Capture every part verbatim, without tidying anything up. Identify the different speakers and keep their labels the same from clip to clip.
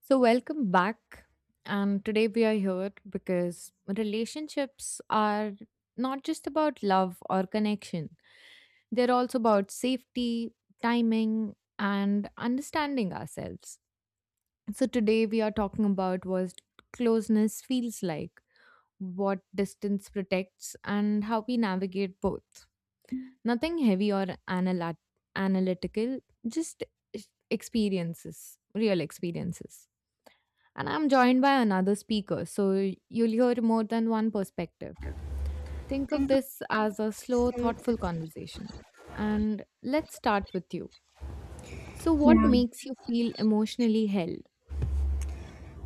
Speaker 1: So, welcome back. And today we are here because relationships are not just about love or connection, they're also about safety, timing, and understanding ourselves. So, today we are talking about what closeness feels like, what distance protects, and how we navigate both. Nothing heavy or analyt- analytical, just experiences, real experiences, and I'm joined by another speaker, so you'll hear more than one perspective. Think of this as a slow, thoughtful conversation. And let's start with you. So, what
Speaker 2: Yeah.
Speaker 1: makes you feel emotionally held?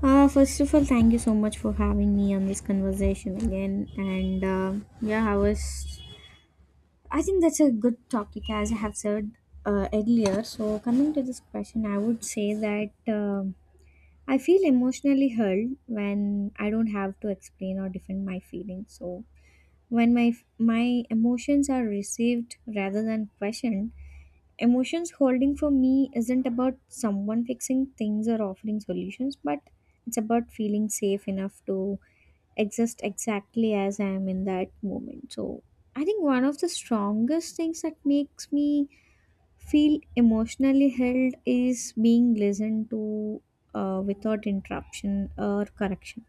Speaker 2: Uh, first of all, thank you so much for having me on this conversation again. And uh, yeah, I was. I think that's a good topic, as I have said uh, earlier. So, coming to this question, I would say that um I feel emotionally hurt when I don't have to explain or defend my feelings. So, When my my emotions are received rather than questioned, emotions holding for me isn't about someone fixing things or offering solutions, but it's about feeling safe enough to exist exactly as I am in that moment. So I think one of the strongest things that makes me feel emotionally held is being listened to uh, without interruption or correction.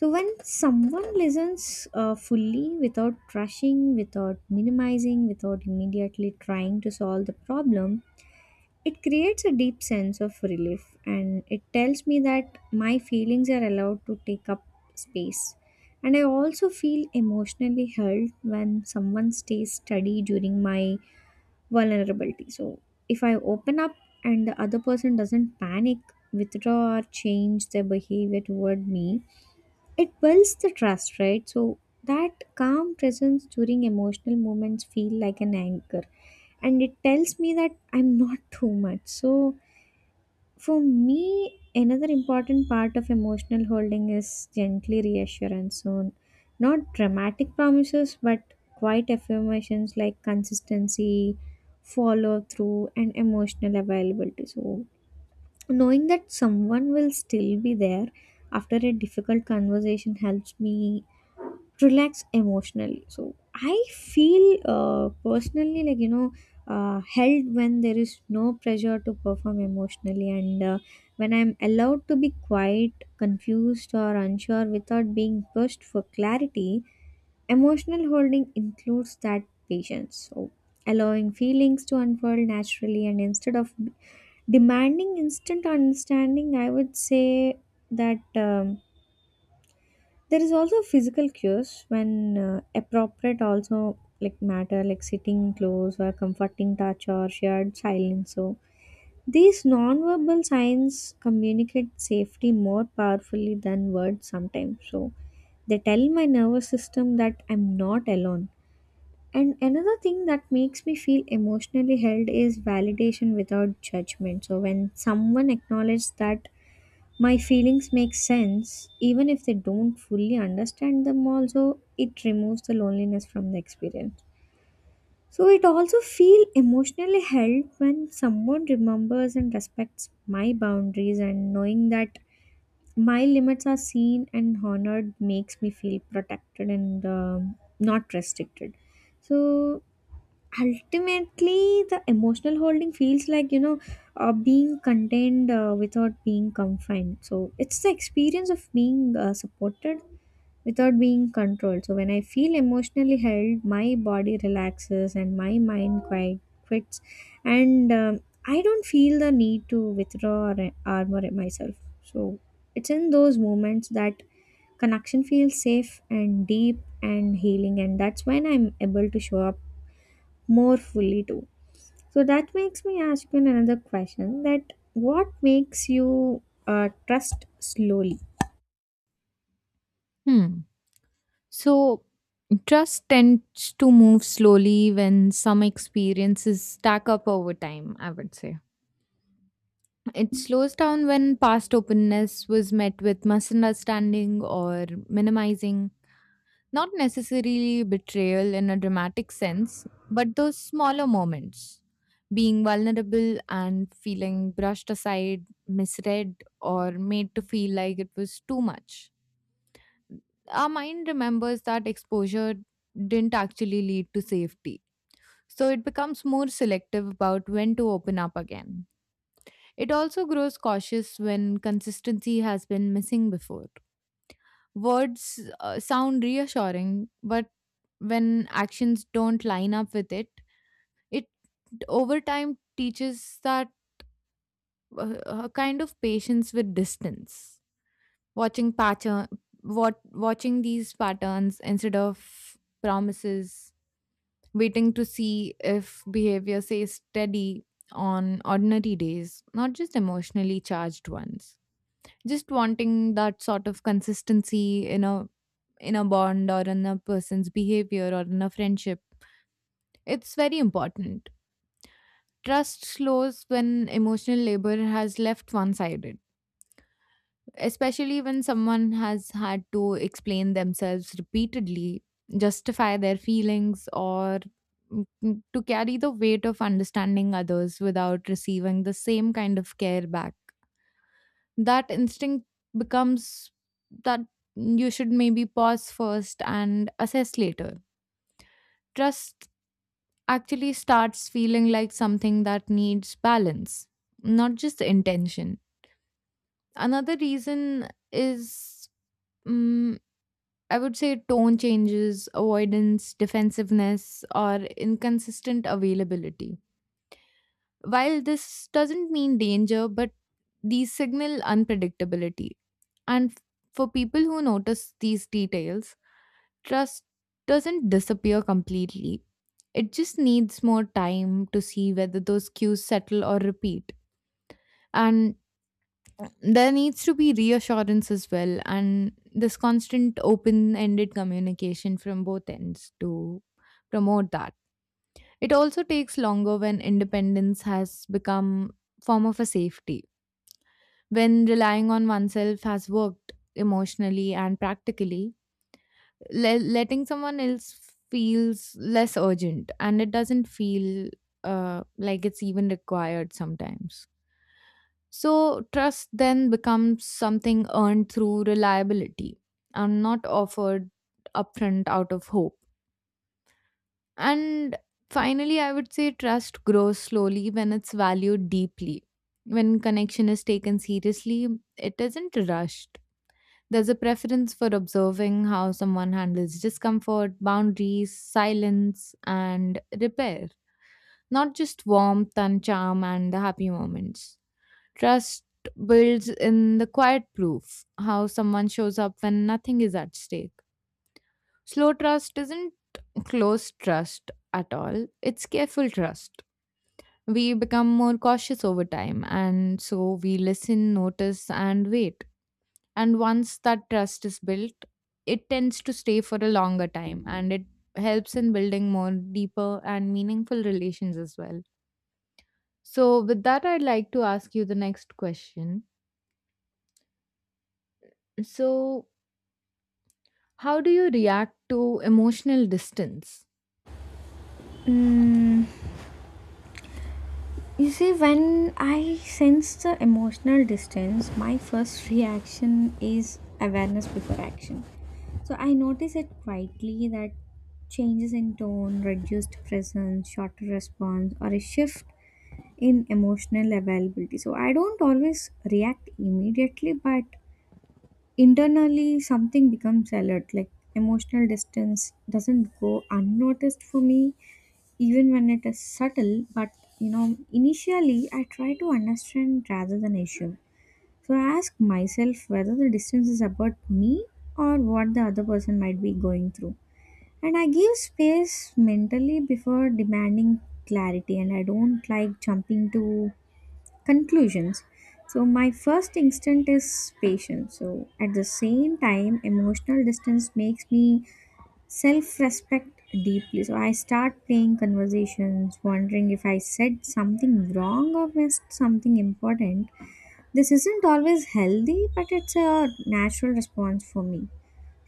Speaker 2: So when someone listens uh, fully without rushing, without minimizing, without immediately trying to solve the problem, it creates a deep sense of relief, and it tells me that my feelings are allowed to take up space. And I also feel emotionally held when someone stays steady during my vulnerability. So if I open up and the other person doesn't panic, withdraw, or change their behavior toward me, it builds the trust, right? So that calm presence during emotional moments feel like an anchor, and it tells me that I'm not too much. So for me, another important part of emotional holding is gently reassurance. So not dramatic promises, but quiet affirmations like consistency, follow through and emotional availability. So knowing that someone will still be there after a difficult conversation helps me relax emotionally. So I feel uh, personally, like you know uh, held when there is no pressure to perform emotionally, and uh, when I'm allowed to be quiet, confused or unsure without being pushed for clarity. Emotional holding includes that patience, so allowing feelings to unfold naturally and instead of demanding instant understanding. I would say that um, there is also physical cues when uh, appropriate, also like matter, like sitting close or comforting touch or shared silence. So these non-verbal signs communicate safety more powerfully than words sometimes, so they tell my nervous system that I'm not alone. And another thing that makes me feel emotionally held is validation without judgment. So when someone acknowledges that my feelings make sense, even if they don't fully understand them, also it removes the loneliness from the experience. So it also feel emotionally held when someone remembers and respects my boundaries, and knowing that my limits are seen and honored makes me feel protected and um, not restricted. So ultimately, the emotional holding feels like, you know, uh, being contained uh, without being confined. So it's the experience of being uh, supported without being controlled. So when I feel emotionally held, my body relaxes and my mind quite quits. And um, I don't feel the need to withdraw or armor myself. So it's in those moments that connection feels safe and deep and healing, and that's when I'm able to show up more fully too. So that makes me ask you another question, that what makes you uh, trust slowly?
Speaker 1: Hmm. So, trust tends to move slowly when some experiences stack up over time, I would say. It slows down when past openness was met with misunderstanding or minimizing. Not necessarily betrayal in a dramatic sense, but those smaller moments. Being vulnerable and feeling brushed aside, misread, or made to feel like it was too much. Our mind remembers that exposure didn't actually lead to safety. So it becomes more selective about when to open up again. It also grows cautious when consistency has been missing before. Words uh, sound reassuring, but when actions don't line up with it, it over time teaches that uh, a kind of patience with distance. Watching pattern, what Watching these patterns instead of promises, waiting to see if behavior stays steady on ordinary days, not just emotionally charged ones. Just wanting that sort of consistency in a in a bond, or in a person's behavior, or in a friendship. It's very important. Trust slows when emotional labor has left one sided, especially when someone has had to explain themselves repeatedly, justify their feelings, or mm, to carry the weight of understanding others without receiving the same kind of care back. That instinct becomes that you should maybe pause first and assess later. Trust actually starts feeling like something that needs balance, not just intention. Another reason is, mm I would say, tone changes, avoidance, defensiveness, or inconsistent availability. While this doesn't mean danger, but these signal unpredictability. And f- for people who notice these details, trust doesn't disappear completely. It just needs more time to see whether those cues settle or repeat. And there needs to be reassurance as well, and this constant open ended communication from both ends to promote that. It also takes longer when independence has become form of a safety. When relying on oneself has worked emotionally and practically, le- letting someone else feels less urgent and it doesn't feel uh, like it's even required sometimes. So, trust then becomes something earned through reliability and not offered upfront out of hope. And finally, I would say trust grows slowly when it's valued deeply. When connection is taken seriously, it isn't rushed. There's a preference for observing how someone handles discomfort, boundaries, silence, and repair, not just warmth and charm and the happy moments. Trust builds in the quiet proof, how someone shows up when nothing is at stake. Slow trust isn't close trust at all, it's careful trust. We become more cautious over time, and so we listen, notice, and wait, and once that trust is built, it tends to stay for a longer time and it helps in building more deeper and meaningful relations as well. So, with that, I'd like to ask you the next question. So, how do you react to emotional distance?
Speaker 2: Mm, you see, when I sense the emotional distance, my first reaction is awareness before action. So I notice it quietly, that changes in tone, reduced presence, shorter response, or a shift in emotional availability. So I don't always react immediately, but internally something becomes alert, like emotional distance doesn't go unnoticed for me even when it is subtle. But you know, initially I try to understand rather than issue, so I ask myself whether the distance is about me or what the other person might be going through, and I give space mentally before demanding clarity. And I don't like jumping to conclusions, so my first instinct is patience. So at the same time emotional distance makes me self-respect deeply, so I start playing conversations wondering if I said something wrong or missed something important. This isn't always healthy, but it's a natural response for me.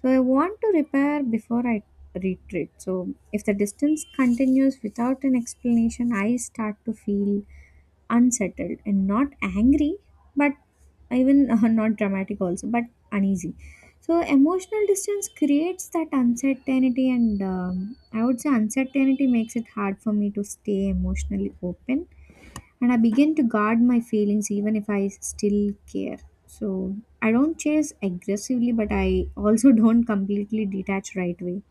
Speaker 2: So I want to repair before I retreat. So if the distance continues without an explanation, I start to feel unsettled and not angry, but even uh, not dramatic also, but uneasy. So emotional distance creates that uncertainty, and um, I would say uncertainty makes it hard for me to stay emotionally open, and I begin to guard my feelings even if I still care. So I don't chase aggressively, but I also don't completely detach right away.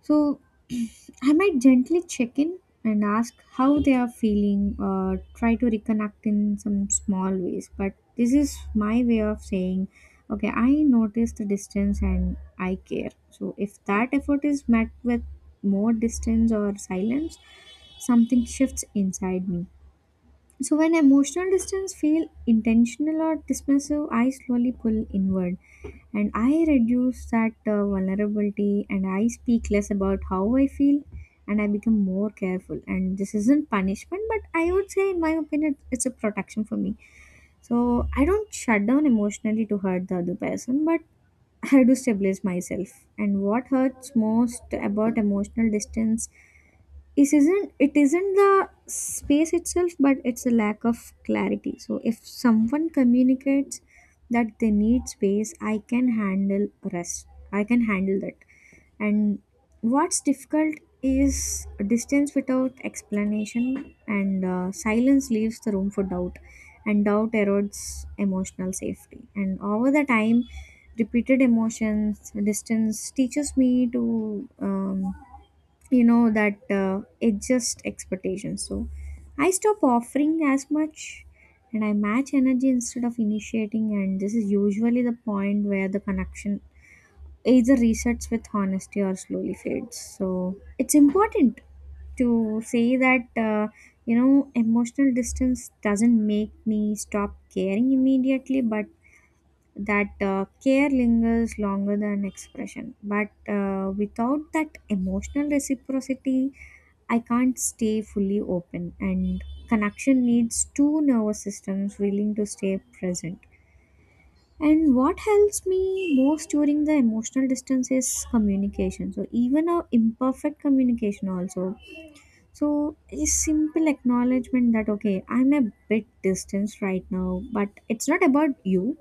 Speaker 2: So I might gently check in and ask how they are feeling or try to reconnect in some small ways. But this is my way of saying, okay, I notice the distance and I care. So if that effort is met with more distance or silence, something shifts inside me. So when emotional distance feel intentional or dismissive, I slowly pull inward, and I reduce that uh, vulnerability, and I speak less about how I feel, and I become more careful. And this isn't punishment, but I would say, in my opinion, it's a protection for me. So I don't shut down emotionally to hurt the other person, but I do stabilize myself. And what hurts most about emotional distance, it isn't it isn't the space itself, but it's a lack of clarity. So if someone communicates that they need space, I can handle rest, I can handle that. And what's difficult is distance without explanation, and uh, silence leaves the room for doubt, and doubt erodes emotional safety. And over the time, repeated emotions distance teaches me to um, you know that uh, it just expectations. So I stop offering as much, and I match energy instead of initiating, and this is usually the point where the connection either resets with honesty or slowly fades. So it's important to say that, uh, you know emotional distance doesn't make me stop caring immediately, but that uh, care lingers longer than expression. But uh, without that emotional reciprocity I can't stay fully open, and connection needs two nervous systems willing to stay present. And what helps me most during the emotional distance is communication. So even a imperfect communication also. So a simple acknowledgement that, okay, I'm a bit distanced right now, but it's not about you,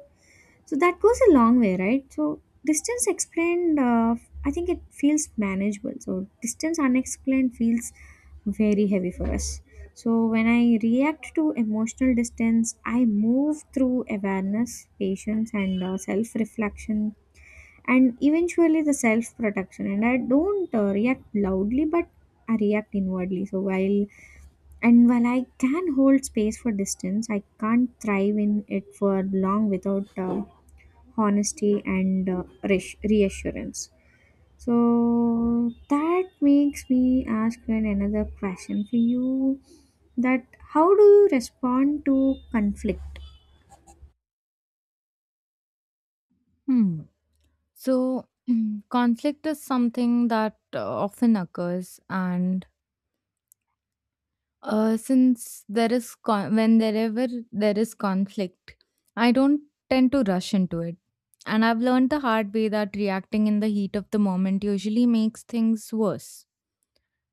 Speaker 2: so that goes a long way, right? So distance explained, uh, I think it feels manageable. So distance unexplained feels very heavy for us. So when I react to emotional distance, I move through awareness, patience, and uh, self reflection, and eventually the self protection. And I don't uh, react loudly, but I react inwardly. So while and while I can hold space for distance, I can't thrive in it for long without. Uh, honesty and uh, reass- reassurance. So that makes me ask an another question for you, that how do you respond to conflict?
Speaker 1: Hmm. So, conflict is something that uh, often occurs, and Uh, since there is con- when wherever there is conflict, I don't tend to rush into it. And I've learned the hard way that reacting in the heat of the moment usually makes things worse.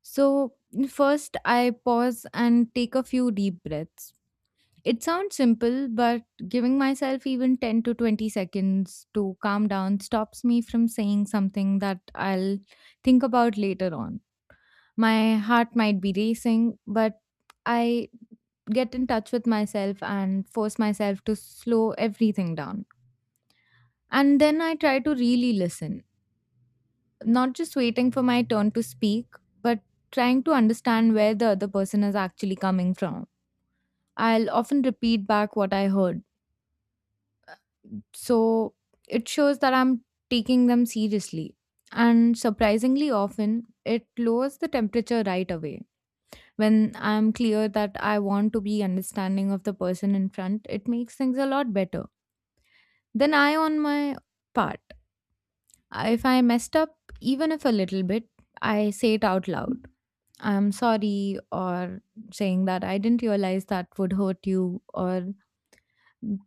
Speaker 1: So, first, I pause and take a few deep breaths. It sounds simple, but giving myself even ten to twenty seconds to calm down stops me from saying something that I'll think about later on. My heart might be racing, but I get in touch with myself and force myself to slow everything down. And then I try to really listen, not just waiting for my turn to speak, but trying to understand where the other person is actually coming from. I'll often repeat back what I heard. So it shows that I'm taking them seriously. And surprisingly often, it lowers the temperature right away. When I'm clear that I want to be understanding of the person in front, it makes things a lot better. Then I, on my part, if I messed up even if a little bit, I say it out loud. I'm sorry, or saying that I didn't realize that would hurt you, or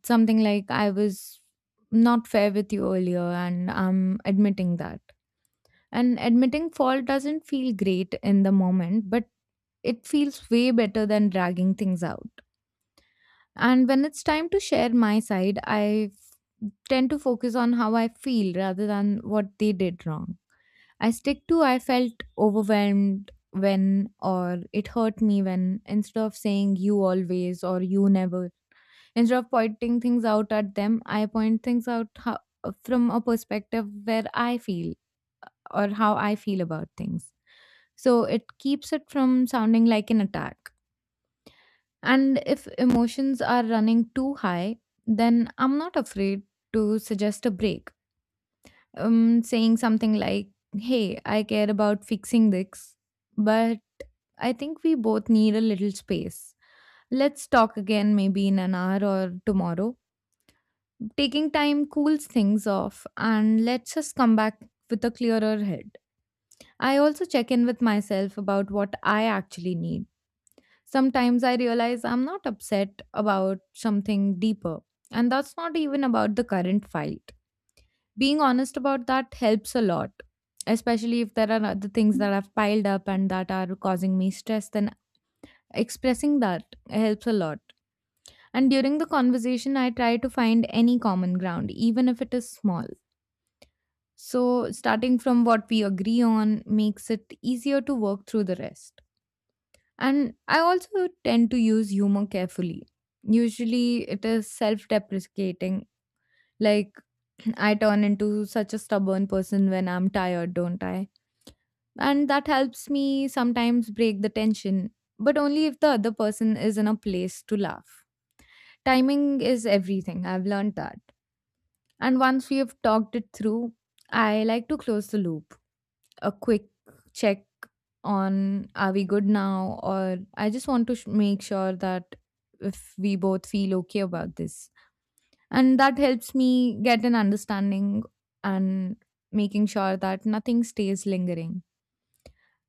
Speaker 1: something like I was not fair with you earlier, and I'm admitting that. And admitting fault doesn't feel great in the moment, but it feels way better than dragging things out. And when it's time to share my side, I tend to focus on how I feel rather than what they did wrong. I stick to I felt overwhelmed when, or it hurt me when, instead of saying you always or you never. Instead of pointing things out at them, I point things out how, from a perspective where I feel, or how I feel about things, so it keeps it from sounding like an attack. And if emotions are running too high, then I'm not afraid to suggest a break, um, saying something like, Hey, I care about fixing this, but I think we both need a little space. Let's talk again maybe in an hour or tomorrow. Taking time cools things off and lets us come back with a clearer head. I also check in with myself about what I actually need. Sometimes I realize I'm not upset about something deeper, and that's not even about the current fight. Being honest about that helps a lot, especially if there are other things that have piled up and that are causing me stress. Then expressing that helps a lot. And during the conversation, I try to find any common ground even if it is small. So starting from what we agree on makes it easier to work through the rest. And I also tend to use humor carefully. Usually it is self-deprecating, like, I turn into such a stubborn person when I'm tired, don't I? And that helps me sometimes break the tension, but only if the other person is in a place to laugh. Timing is everything, I've learned that. And once we have talked it through, I like to close the loop. A quick check on are we good now, or I just want to sh- make sure that if we both feel okay about this. And that helps me get an understanding and making sure that nothing stays lingering.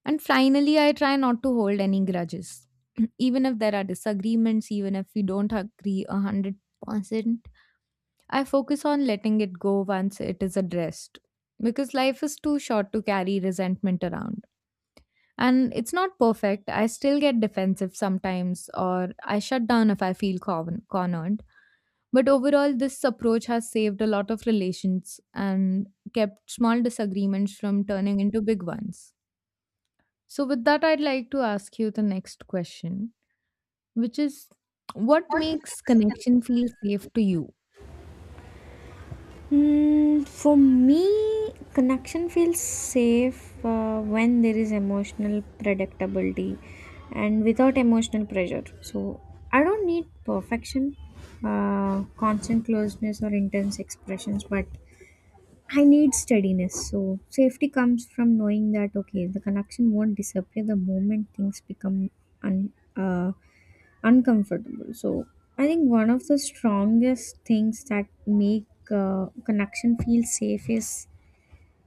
Speaker 1: And finally, I try not to hold any grudges. Even if there are disagreements, even if we don't agree one hundred percent, I focus on letting it go once it is addressed. Because life is too short to carry resentment around. And it's not perfect. I still get defensive sometimes, or I shut down if I feel con- cornered. But overall, this approach has saved a lot of relations and kept small disagreements from turning into big ones. So, with that, I'd like to ask you the next question, which is what makes connection feel safe to you?
Speaker 2: Mm, for me, connection feels safe uh, when there is emotional predictability and without emotional pressure. So I don't need perfection, uh, constant closeness, or intense expressions, but I need steadiness. So safety comes from knowing that, okay, the connection won't disappear the moment things become un, uh, uncomfortable. So I think one of the strongest things that make uh, connection feel safe is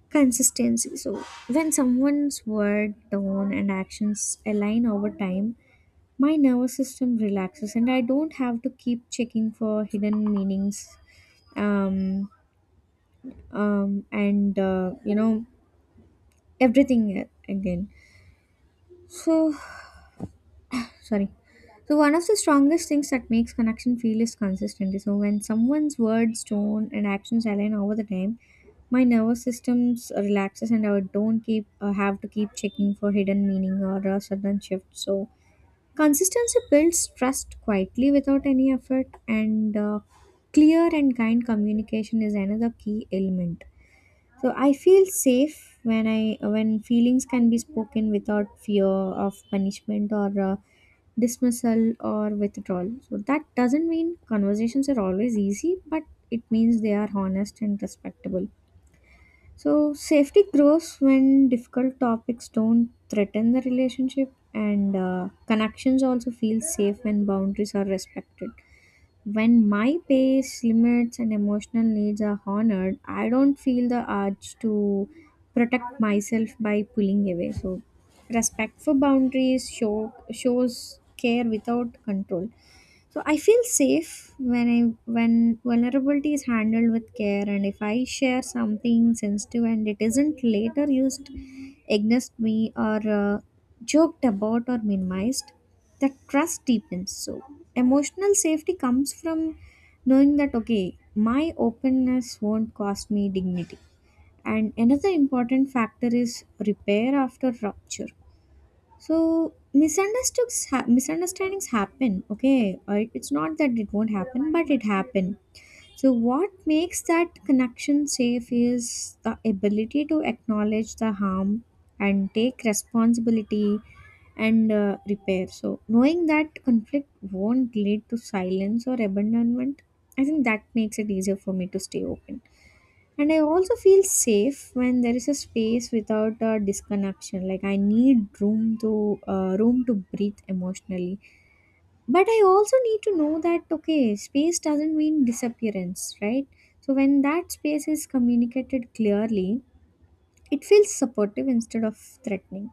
Speaker 2: consistency. So when someone's word, tone, and actions align over time, my nervous system relaxes, and I don't have to keep checking for hidden meanings. Um, um, and uh, you know everything again. So sorry. So one of the strongest things that makes connection feel is consistency. So when someone's words, tone, and actions align over the time, my nervous systems relaxes, and I don't keep uh, have to keep checking for hidden meaning or a sudden shift. So consistency builds trust quietly without any effort, and uh, clear and kind communication is another key element. So I feel safe when I when feelings can be spoken without fear of punishment or uh, dismissal or withdrawal. So that doesn't mean conversations are always easy, but it means they are honest and respectable. So safety grows when difficult topics don't threaten the relationship, and uh, connections also feel safe when boundaries are respected. When my pace, limits, and emotional needs are honored, I don't feel the urge to protect myself by pulling away. So, respect for boundaries show, shows care without control. So I feel safe when I when vulnerability is handled with care, and if I share something sensitive and it isn't later used against me or uh, joked about or minimized, that trust deepens. So emotional safety comes from knowing that, okay, my openness won't cost me dignity. And another important factor is repair after rupture. So misunderstandings ha- misunderstandings happen. Okay, Uh, it's not that it won't happen, but it happen. So what makes that connection safe is the ability to acknowledge the harm and take responsibility and uh, repair. So knowing that conflict won't lead to silence or abandonment, I think that makes it easier for me to stay open. And I also feel safe when there is a space without a disconnection. Like I need room to uh, room to breathe emotionally. But I also need to know that okay, space doesn't mean disappearance, right? So when that space is communicated clearly, it feels supportive instead of threatening.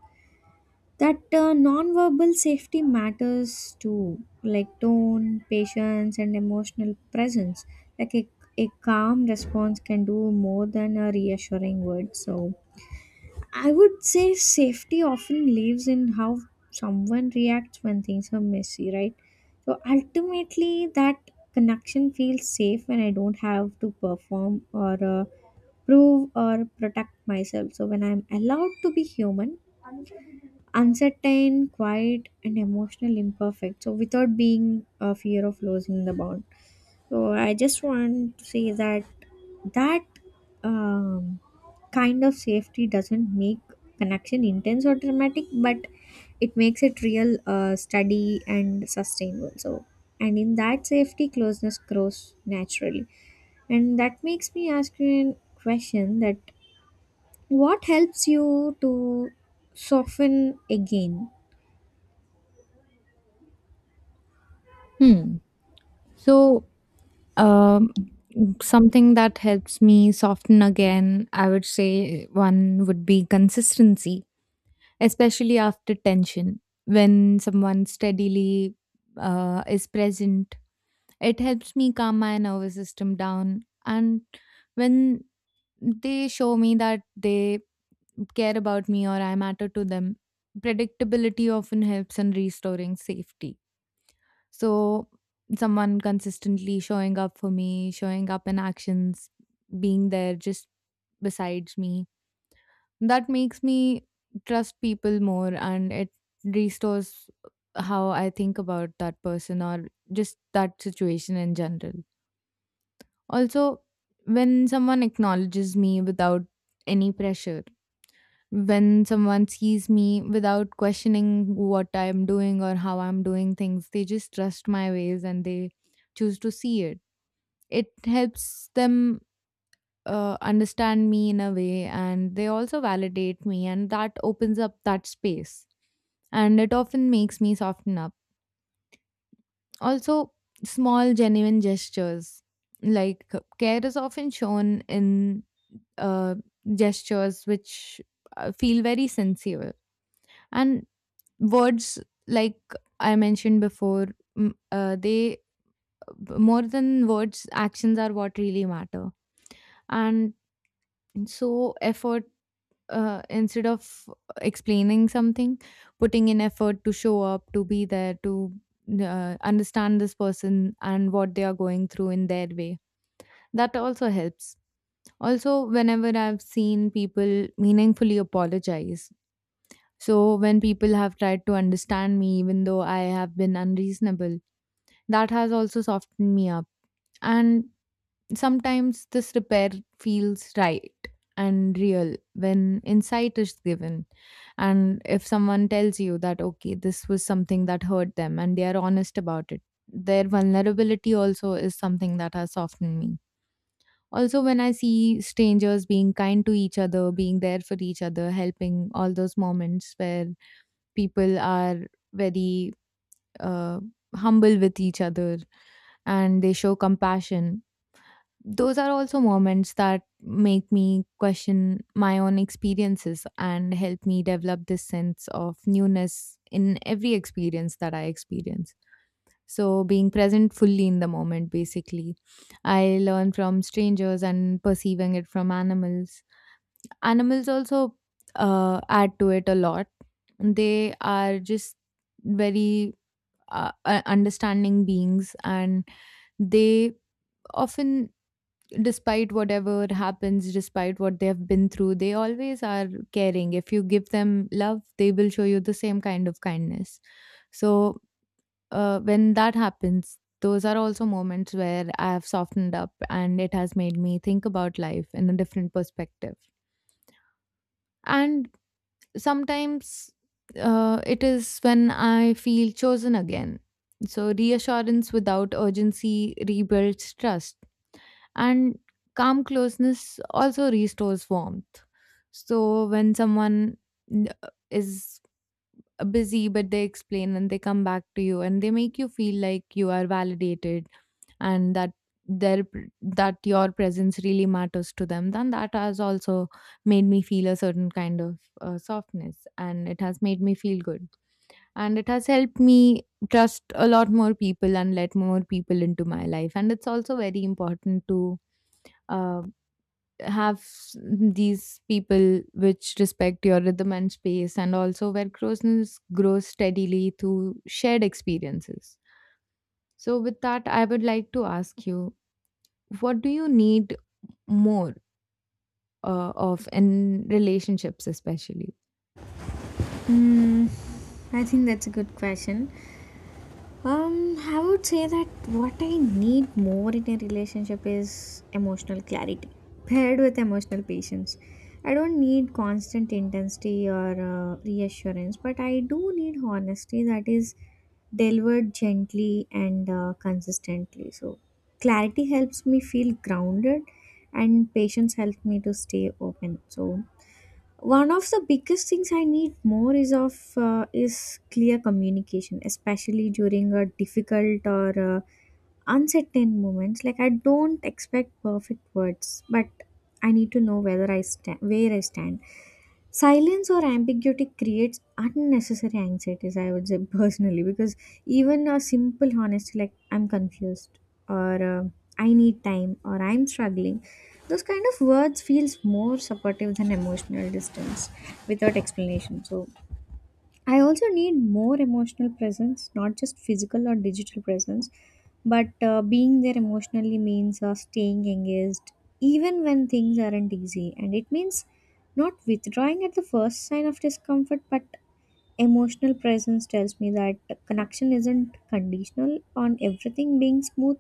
Speaker 2: That uh, non-verbal safety matters too, like tone, patience, and emotional presence. Like a, a calm response can do more than a reassuring word. So I would say safety often lives in how someone reacts when things are messy, right? So ultimately that connection feels safe when I don't have to perform or uh, prove or protect myself. So when I'm allowed to be human, uncertain, quiet, and emotional, imperfect. So without being a fear of losing the bond. So I just want to say that that um, kind of safety doesn't make connection intense or dramatic, but it makes it real, uh, steady, and sustainable. So and in that safety, closeness grows naturally, and that makes me ask you a question: that what helps you to soften again?
Speaker 1: Hmm. So, um, something that helps me soften again, I would say one would be consistency, especially after tension, when someone steadily uh, is present. It helps me calm my nervous system down. And when they show me that they care about me or I matter to them, predictability often helps in restoring safety. So, someone consistently showing up for me, showing up in actions, being there just besides me, that makes me trust people more and it restores how I think about that person or just that situation in general. Also, when someone acknowledges me without any pressure, when someone sees me without questioning what I'm doing or how I'm doing things, they just trust my ways and they choose to see it. It helps them uh, understand me in a way and they also validate me, and that opens up that space. And it often makes me soften up. Also, small, genuine gestures. Like, care is often shown in uh, gestures which uh, feel very sincere. And words, like I mentioned before, mm, uh, they, more than words, actions are what really matter. And so, effort uh, instead of explaining something, putting in effort to show up, to be there, to uh, understand this person and what they are going through in their way. That also helps. Also, whenever I've seen people meaningfully apologize, so when people have tried to understand me, even though I have been unreasonable, that has also softened me up. And sometimes this repair feels right and real when insight is given. And if someone tells you that, okay, this was something that hurt them and they are honest about it, their vulnerability also is something that has softened me. Also, when I see strangers being kind to each other, being there for each other, helping, all those moments where people are very uh, humble with each other and they show compassion, those are also moments that make me question my own experiences and help me develop this sense of newness in every experience that I experience. So, being present fully in the moment, basically, I learn from strangers and perceiving it from animals. Animals also uh, add to it a lot. They are just very uh, uh, understanding beings and they often, despite whatever happens, despite what they have been through, they always are caring. If you give them love, they will show you the same kind of kindness. So, uh, when that happens, those are also moments where I have softened up and it has made me think about life in a different perspective. And sometimes uh, it is when I feel chosen again. So, reassurance without urgency rebuilds trust and calm closeness also restores warmth. So when someone n- uh, is busy but they explain and they come back to you and they make you feel like you are validated and that their pr- that your presence really matters to them, then that has also made me feel a certain kind of uh, softness and it has made me feel good and it has helped me trust a lot more people and let more people into my life. And it's also very important to uh, have s- these people which respect your rhythm and space and also where closeness grows steadily through shared experiences. So with that I would like to ask you, what do you need more uh, of in relationships especially?
Speaker 2: Hmm, I think that's a good question. Um, I would say that what I need more in a relationship is emotional clarity paired with emotional patience. I don't need constant intensity or uh, reassurance, but I do need honesty that is delivered gently and uh, consistently. So, clarity helps me feel grounded, and patience helps me to stay open. So, one of the biggest things I need more is of uh, is clear communication, especially during a difficult or uh, uncertain moments. Like I don't expect perfect words, but I need to know whether I stand where I stand. Silence or ambiguity creates unnecessary anxieties, I would say, personally, because even a simple honesty like I'm confused or uh, I need time or I'm struggling, those kind of words feels more supportive than emotional distance without explanation. So I also need more emotional presence, not just physical or digital presence, but uh, being there emotionally means uh, staying engaged even when things aren't easy. And it means not withdrawing at the first sign of discomfort, but emotional presence tells me that connection isn't conditional on everything being smooth.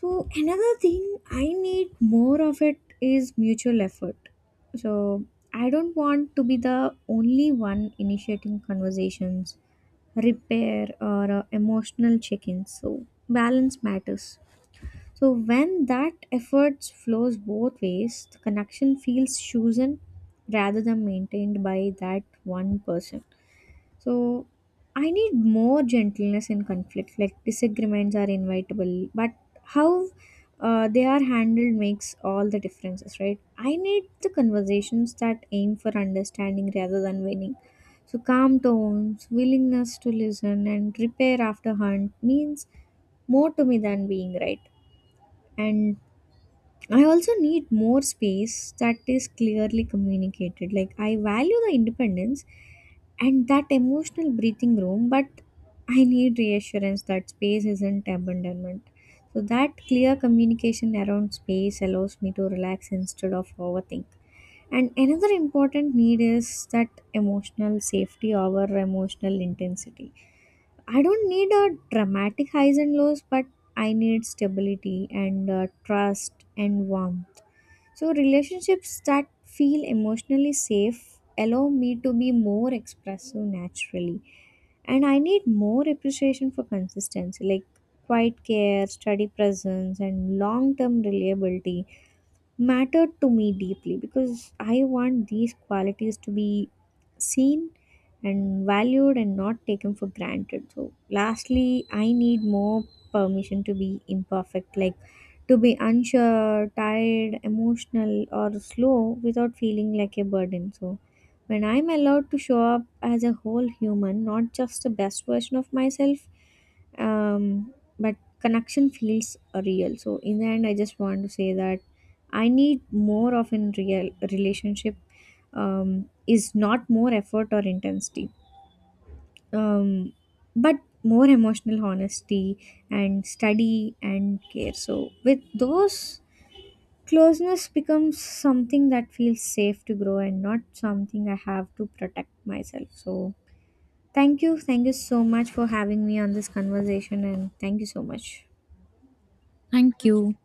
Speaker 2: So another thing I need more of it is mutual effort. So I don't want to be the only one initiating conversations, repair, or uh, emotional check-ins. So balance matters. So when that effort flows both ways, the connection feels chosen rather than maintained by that one person. So I need more gentleness in conflict. Like disagreements are inevitable, but how uh, they are handled makes all the differences, right? I need the conversations that aim for understanding rather than winning. So calm tones, willingness to listen, and repair after hunt means more to me than being right. And I also need more space that is clearly communicated. Like, I value the independence and that emotional breathing room, but I need reassurance that space isn't abandonment. So, that clear communication around space allows me to relax instead of overthink. And another important need is that emotional safety over emotional intensity. I don't need a dramatic highs and lows, but I need stability and uh, trust and warmth. So, relationships that feel emotionally safe allow me to be more expressive naturally. And I need more appreciation for consistency, like quiet care, steady presence, and long term reliability matter to me deeply because I want these qualities to be seen and valued and not taken for granted. So, lastly, I need more permission to be imperfect, like to be unsure, tired, emotional, or slow without feeling like a burden. So, when I'm allowed to show up as a whole human, not just the best version of myself, um, but connection feels real. So, in the end, I just want to say that I need more of in real relationship um, is not more effort or intensity, um, but more emotional honesty and study and care. So, with those closeness becomes something that feels safe to grow and not something I have to protect myself. So, thank you. Thank you so much for having me on this conversation and thank you so much.
Speaker 1: Thank you.